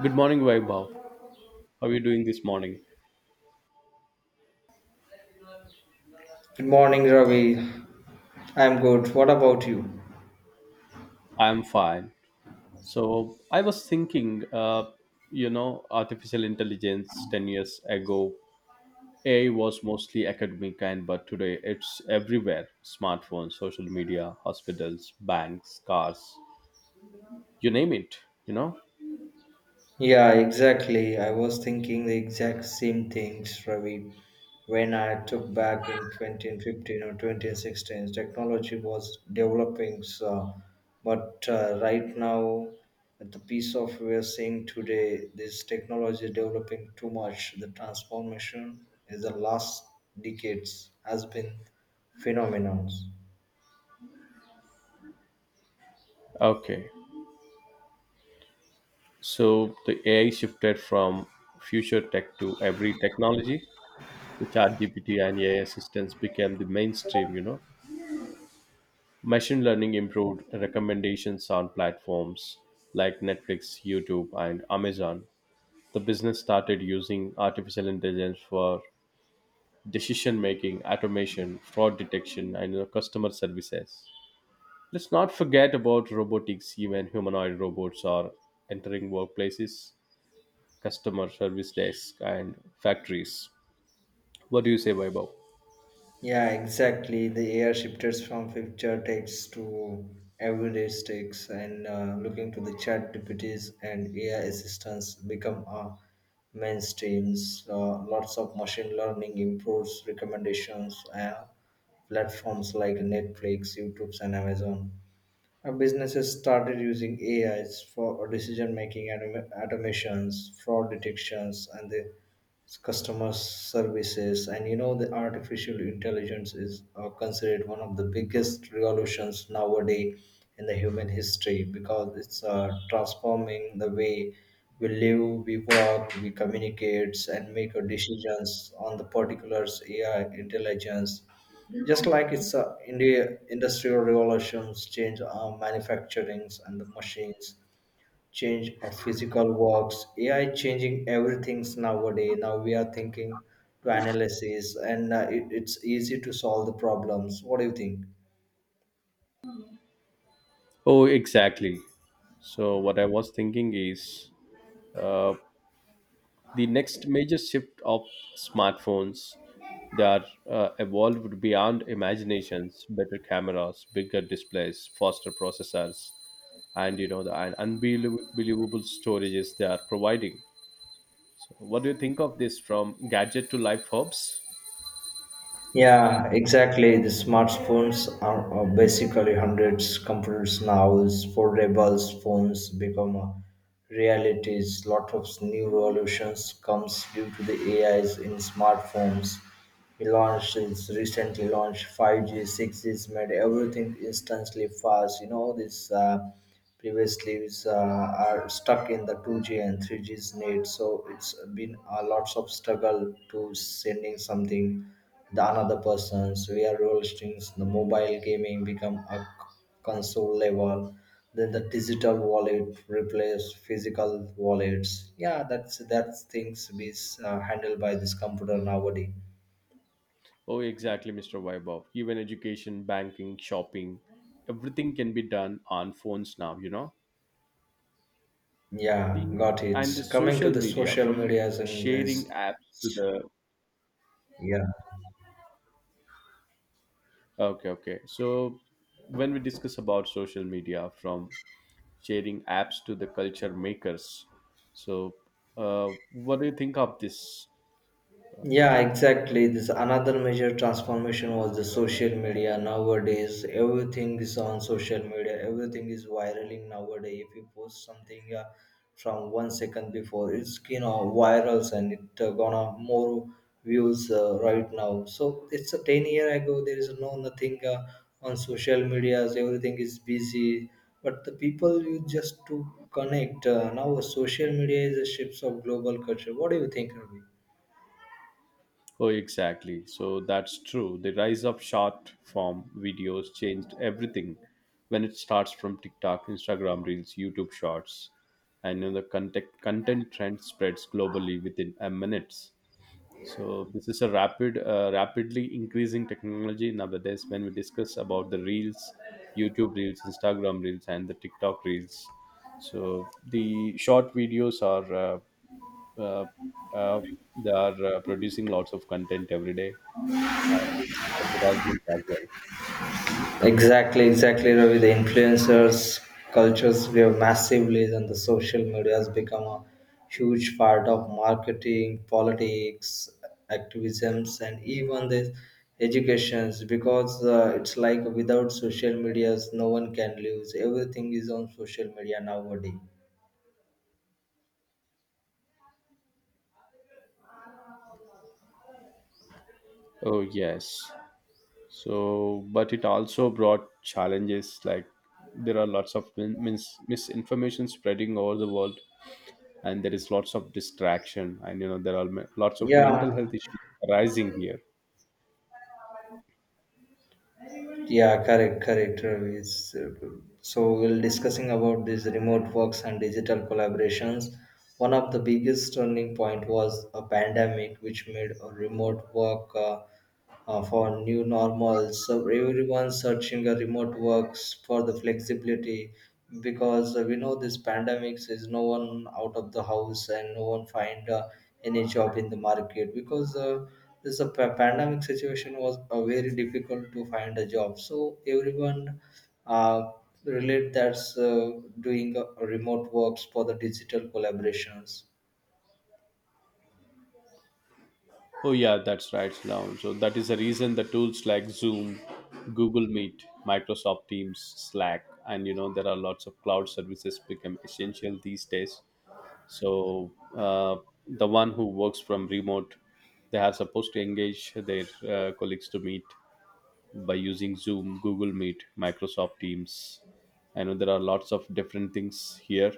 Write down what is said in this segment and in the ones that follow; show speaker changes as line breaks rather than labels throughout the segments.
Good morning, Vaibhav. How are you doing this morning?
Good morning, Ravi. I'm good. What about you?
I'm fine. So I was thinking, you know, Artificial intelligence 10 years ago, AI was mostly academic, and but today it's everywhere: smartphones, social media, hospitals, banks, cars, you name it. You know.
Yeah, exactly. I was thinking the exact same things, Ravi. When I took back in 2015 or 2016, technology was developing, so, but right now, at the piece of we are seeing today, this technology developing too much. The transformation in the last decades has been phenomenal.
Okay. So the AI shifted from future tech to every technology. The chat GPT and AI assistants became the mainstream. Machine learning improved recommendations on platforms like Netflix, YouTube, and Amazon. The business started using artificial intelligence for decision making, automation, fraud detection, and customer services. Let's not forget about robotics. Even humanoid robots are entering workplaces, customer service desks, and factories. What do you say, Vaibhav?
Yeah, exactly. The air shifted from future texts to everyday texts, and looking to the chat deputies and AI assistants become mainstreams. Lots of machine learning improves recommendations. Platforms like Netflix, YouTube, and Amazon. Businesses started using AIs for decision making, automations, fraud detections, and the customer services. And you know, the artificial intelligence is considered one of the biggest revolutions nowadays in the human history because it's transforming the way we live, we work, we communicate, and make our decisions on the particulars AI intelligence just like it's India industrial revolutions change our manufacturings and the machines, change of physical works, AI changing everything's nowadays. Now we are thinking to analysis and it's easy to solve the problems. What do you think?
Oh, exactly. So what I was thinking is, uh, the next major shift of smartphones, they are, evolved beyond imaginations: better cameras, bigger displays, faster processors, and you know the and unbelievable storages they are providing. What do you think of this, from gadget to life hubs?
Yeah, exactly. The smartphones are basically hundreds computers now. Is Foldable phones become a realities. Lot of new revolutions comes due to the AIs in smartphones. He launched it's recently launched 5G, 6G's made everything instantly fast. You know this. Previous leaves are stuck in the 2G and 3G's net, so it's been a lots of struggle to sending something the another person's via roll strings. The mobile gaming become a console level, then the digital wallet replace physical wallets. Yeah, that's things be handled by this computer nowadays.
Oh, exactly, Mr. Vaibhav. Even education, banking, shopping, everything can be done on phones now.
Yeah,
The
got it.
and the
Coming to
social
the
media,
social
from
medias and
sharing
this,
apps to the —
yeah.
okay, okay. So when we discuss about social media, from sharing apps to the culture makers, so what do you think of this?
Yeah, exactly. This another major transformation was the social media. Nowadays, everything is on social media. Everything is viraling nowadays. If you post something from 1 second before, it's you know virals and it gonna more views right now. So it's a 10 year ago. There is no nothing on social medias. Everything is busy, but the people you just to connect now. Social media is a ships of global culture. What do you think, Ravi?
Oh, exactly. So that's true. The rise of short form videos changed everything when it starts from TikTok, Instagram Reels, YouTube Shorts, and then the content trend spreads globally within a minutes. So this is a rapidly increasing technology nowadays. When we discuss about the reels, YouTube reels, Instagram reels, and the TikTok reels, so the short videos are, uh, uh, they are, producing lots of content every day. And advertisements as well.
Exactly, exactly, Ravi. The influencers cultures we have massively, and the social media has become a huge part of marketing, politics, activisms, and even the educations. Because it's like without social medias, no one can live. Everything is on social media nowadays.
Oh yes. So but it also brought challenges. Like, there are lots of misinformation spreading over the world, and there is lots of distraction, and there are lots of
Yeah,
mental health issues arising here.
yeah, correct, correct, Ravi. So we'll discussing about these remote works and digital collaborations. One of the biggest turning point was a pandemic, which made a remote work. For new normal. So everyone's searching a remote works for the flexibility because we know this pandemics is no one out of the house and no one find any job in the market because pandemic situation was very difficult to find a job. So everyone uh, relate that's doing remote works for the digital collaborations.
Oh yeah, that's right. Now, so that is the reason the tools like Zoom, Google Meet, Microsoft Teams, Slack, and there are lots of cloud services become essential these days. So, uh, the one who works from remote, they are supposed to engage their colleagues to meet by using Zoom, Google Meet, Microsoft Teams. I know there are lots of different things here.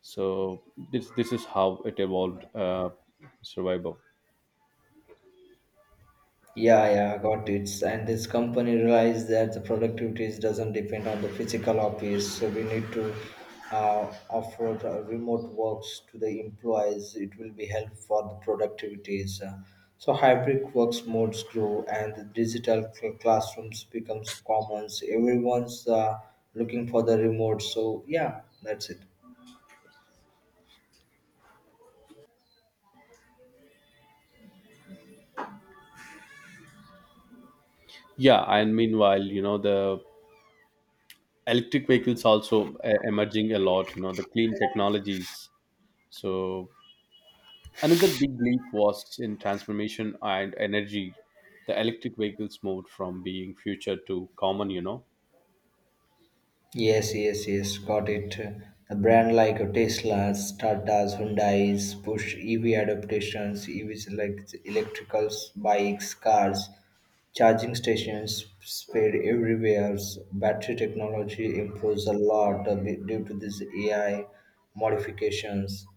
So this is how it evolved, survival.
Yeah, yeah, got it. And this company realized that the productivity doesn't depend on the physical office, so we need to offer remote works to the employees. It will be help for the productivities. So hybrid works modes grow, and the digital classrooms becomes common. So everyone's looking for the remote. So yeah, that's it.
Yeah, and meanwhile, you know, the electric vehicles also, emerging a lot, you know, the clean technologies. So another big leap was in transformation and energy. The electric vehicles moved from being future to common, you know.
Yes, yes, yes, got it. A brand like Tesla's, Tata's, Hyundai's push EV adaptations, EVs like electricals, bikes, cars, charging stations spread everywhere. Battery technology improves a lot a due to these AI modifications.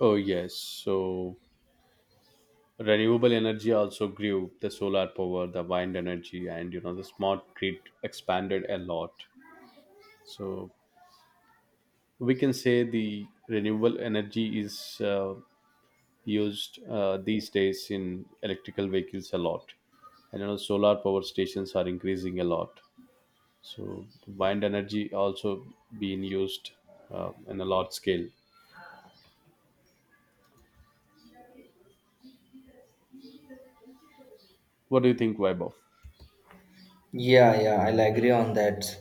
Oh yes. So renewable energy also grew: the solar power, the wind energy, and you know, the smart grid expanded a lot. So we can say the renewable energy is, used, these days in electrical vehicles a lot. And you know, solar power stations are increasing a lot. So wind energy also being used, in a large scale. What do you think, Vaibhav?
Yeah, yeah, I'll agree on that.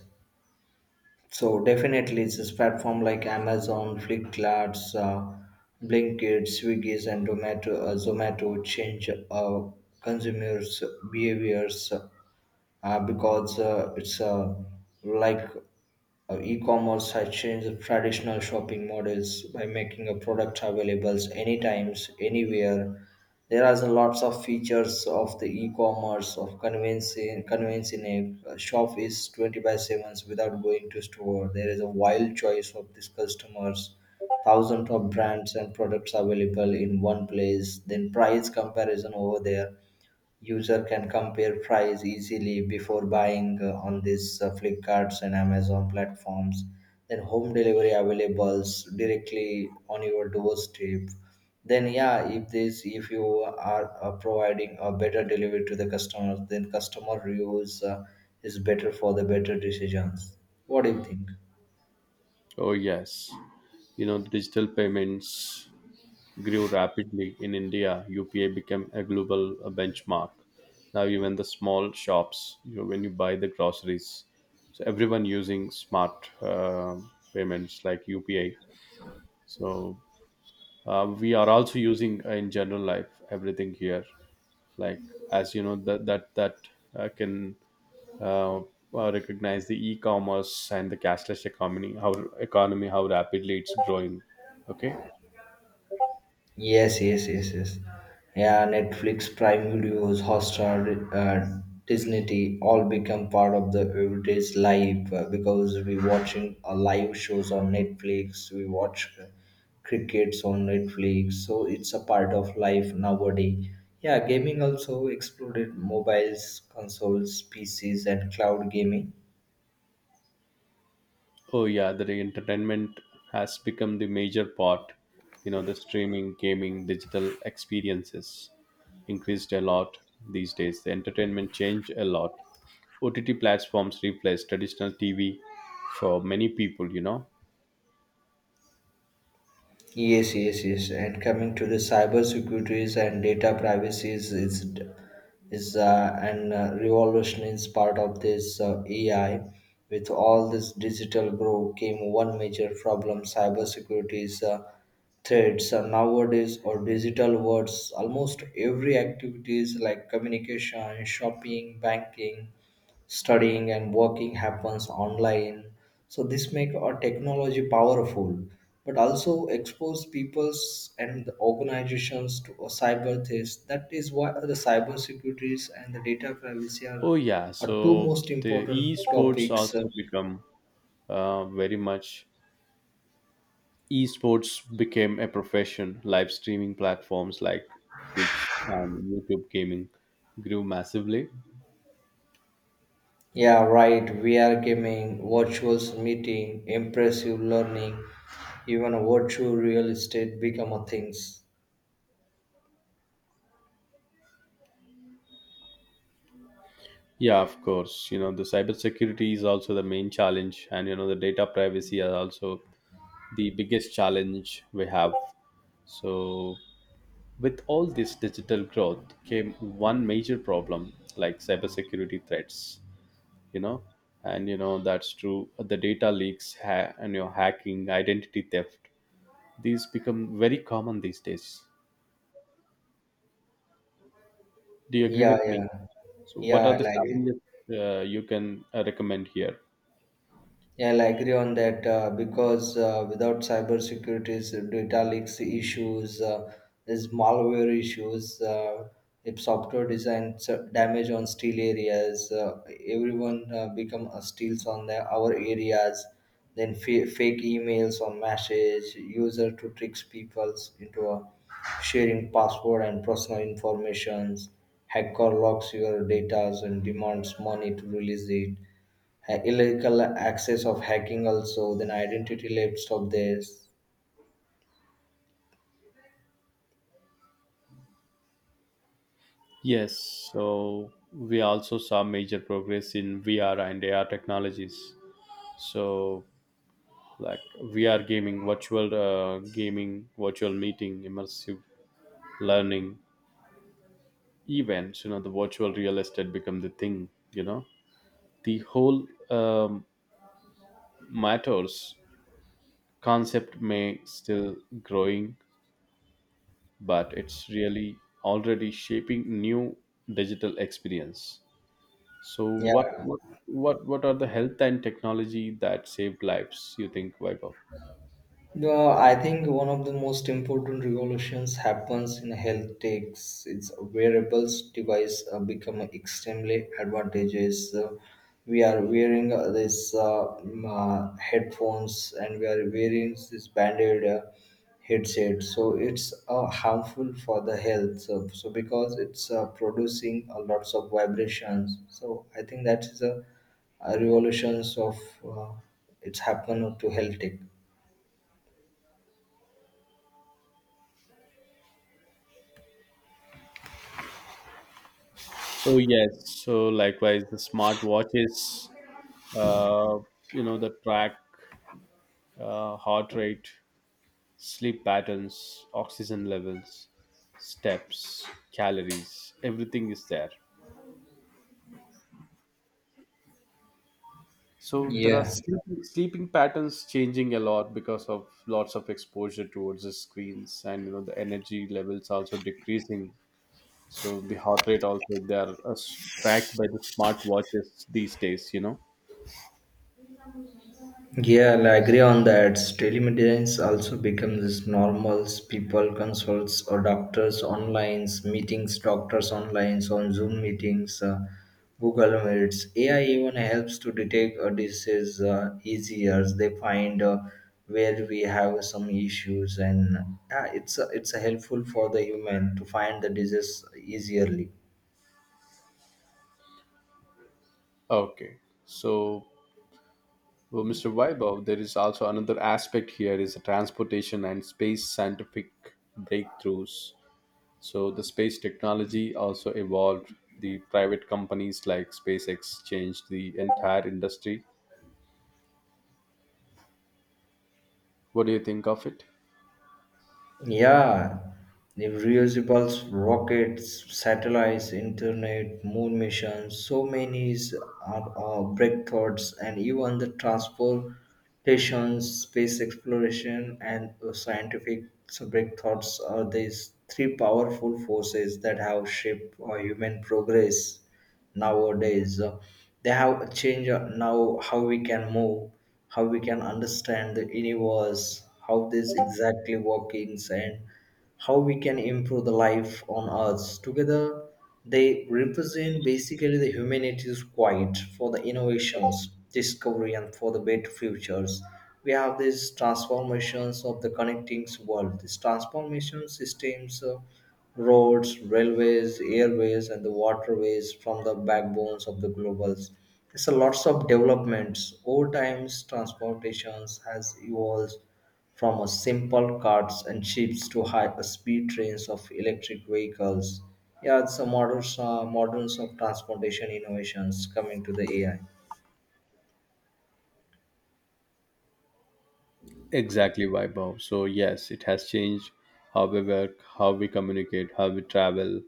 So definitely, it's this platform like Amazon, Flipkart, Blinkit, Swiggy's, and Zomato, Zomato change consumers' behaviors because it's like e-commerce has changed the traditional shopping models by making a product available anytime, anywhere. There are lots of features of the e-commerce of convincing a shop is 20 by 7s without going to store. There is a wild choice of these customers, thousands of brands and products available in one place. Then price comparison over there. User can compare price easily before buying on these Flipkarts and Amazon platforms. Then home delivery availables directly on your doorstep. Then yeah, if this if you are providing a better delivery to the customers, then customer reviews is better for the better decisions. What do you think?
Oh yes. You know, digital payments grew rapidly in India. UPA became a global, benchmark. Now even the small shops, you know, when you buy the groceries, so everyone using smart, payments like UPA. So, we are also using, in general life everything here, like, as you know that, can, uh, recognize the e-commerce and the cashless economy how rapidly it's growing. Okay.
Yes, yes, yes, yes. Yeah, Netflix, Prime Videos, Hotstar, Disney, all become part of the everyday's life because we watching live shows on Netflix, we watch crickets on Netflix, so it's a part of life nowadays. Yeah, gaming also exploded mobiles, consoles, PCs, and cloud gaming.
Oh yeah, the entertainment has become the major part. You know, the streaming, gaming, digital experiences increased a lot these days. The entertainment changed a lot. OTT platforms replaced traditional TV for many people, you know.
Yes, yes, yes. And coming to the cyber securities and data privacy is an revolution is part of this AI. With all this digital growth came one major problem: cyber securities threats. Nowadays, or digital words, almost every activities like communication, shopping, banking, studying and working happens online, so this make our technology powerful but also expose peoples and the organizations to a cyber threat. That is why the cyber securities and the data privacy
Oh yeah,
are two
so
most
the
important
esports
topics
also become, very much, esports became a profession. Live streaming platforms like Twitch and YouTube gaming grew massively.
yeah, right. VR gaming, virtual meeting, impressive learning, even a virtual real estate become a things.
Yeah, of course. You know, the cybersecurity is also the main challenge, and you know, the data privacy are also the biggest challenge we have. So, with all this digital growth came one major problem like cybersecurity threats, you know, and that's true. The data leaks and your know, hacking, identity theft, these become very common these days. Do you agree
Yeah,
with me?
yeah,
So
yeah.
what are
I
the
like it.
challenges you can recommend here?
Yeah, I'll agree on that because without cybersecurity's data leaks issues, there's malware issues, if software design damage on steel areas, everyone become steals on their, our areas, then fake emails or message, user to tricks peoples into sharing password and personal informations, hacker locks your data and demands money to release it illegal access of hacking also then identity theft of this
Yes, so we also saw major progress in VR and AR technologies. So, like VR gaming, virtual meeting, immersive learning events, you know, the virtual real estate become the thing, you know. The whole matters concept may still growing, but it's really already shaping new digital experience. So what
yeah.
what what what are the health and technology that saved lives? You think, Vaibhav?
Yeah, I think one of the most important revolutions happens in health takes its wearables device become extremely advantageous. We are wearing headphones and we are wearing this banded headset. So it's harmful for the health. So, so because it's producing lots of vibrations. So I think that is a revolutions of uh, it's happened to health tech.
Oh yes. So likewise, the smart watches, uh, you know, the track, heart rate, sleep patterns, oxygen levels, steps, calories, everything is there. So there are
Yeah.
sleeping patterns changing a lot because of lots of exposure towards the screens, and you know, the energy levels also decreasing. So the heart rate also, they are, tracked by the smart watches these days, you know.
Yeah, I agree on that. Telemedicine also becomes this normal. People consults or doctors online, meetings, doctors online, so on Zoom meetings, Google Meets. AI even helps to detect a disease easier. They find where we have some issues, and it's a helpful for the human to find the disease easily.
Okay. So, well, Mr. Vaibhav, there is also another aspect here is the transportation and space scientific breakthroughs. So the space technology also evolved. The private companies like SpaceX changed the entire industry. What do you think of it?
Yeah, the reusable rockets, satellites, internet, moon missions, so many are breakthroughs, and even the transportation, space exploration, and scientific breakthroughs are these three powerful forces that have shaped human progress nowadays. They have changed now how we can move, how we can understand the universe, how this exactly workings, and how we can improve the life on Earth. Together, they represent basically the humanity's quiet for the innovations, discovery, and for the better futures. We have these transformations of the connecting world, these transformation systems. Roads, railways, airways, and the waterways from the backbones of the globals. It's a lots of developments. Over time, transportations has evolved from a simple carts and ships to high-speed trains of electric vehicles. Yeah, it's a modern of transportation innovations coming to the AI.
Exactly, Vaibhav. So yes, it has changed how we work, how we communicate, how we travel,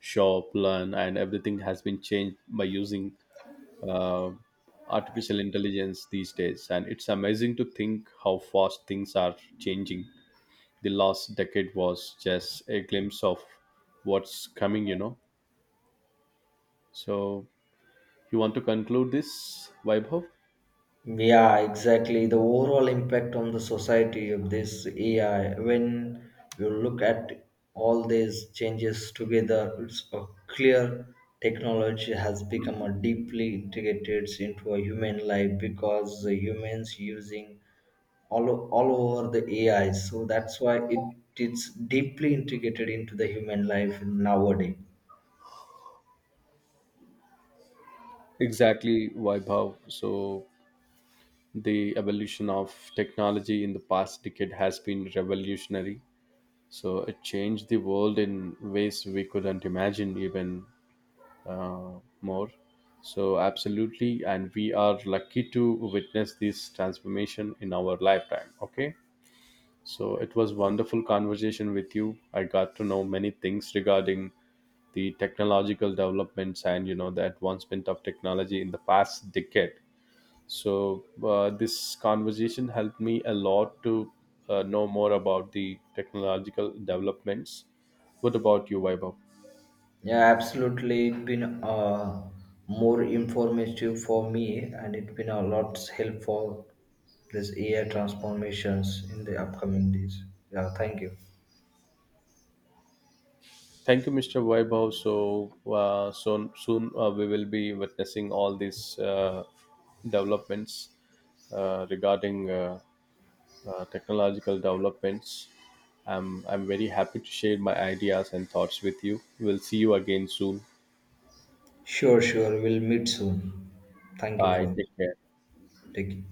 shop, learn, and everything has been changed by using, uh, artificial intelligence these days. And it's amazing to think how fast things are changing. The last decade was just a glimpse of what's coming, you know. So, you want to conclude this, Vaibhav?
Yeah, exactly. The overall impact on the society of this AI, when you look at all these changes together, it's a clear technology has become a deeply integrated into a human life because the humans using all over the AI. So that's why it's deeply integrated into the human life nowadays.
Exactly, Vaibhav. So, the evolution of technology in the past decade has been revolutionary. So it changed the world in ways we couldn't imagine even, more. So, absolutely. And we are lucky to witness this transformation in our lifetime. Okay. So, it was wonderful conversation with you. I got to know many things regarding the technological developments, and you know, the advancement of technology in the past decade. So, this conversation helped me a lot to, know more about the technological developments. What about you, Vaibhav?
Yeah, absolutely. It's been more informative for me, and it's been a lot helpful this AI transformations in the upcoming days. Yeah, thank you.
Thank you, Mr. Vaibhav. So, so soon, we will be witnessing all these, developments, regarding, technological developments. I'm very happy to share my ideas and thoughts with you. We'll see you again soon.
Sure, sure. We'll meet soon. Thank you
Bye.
for
Take care.
taking.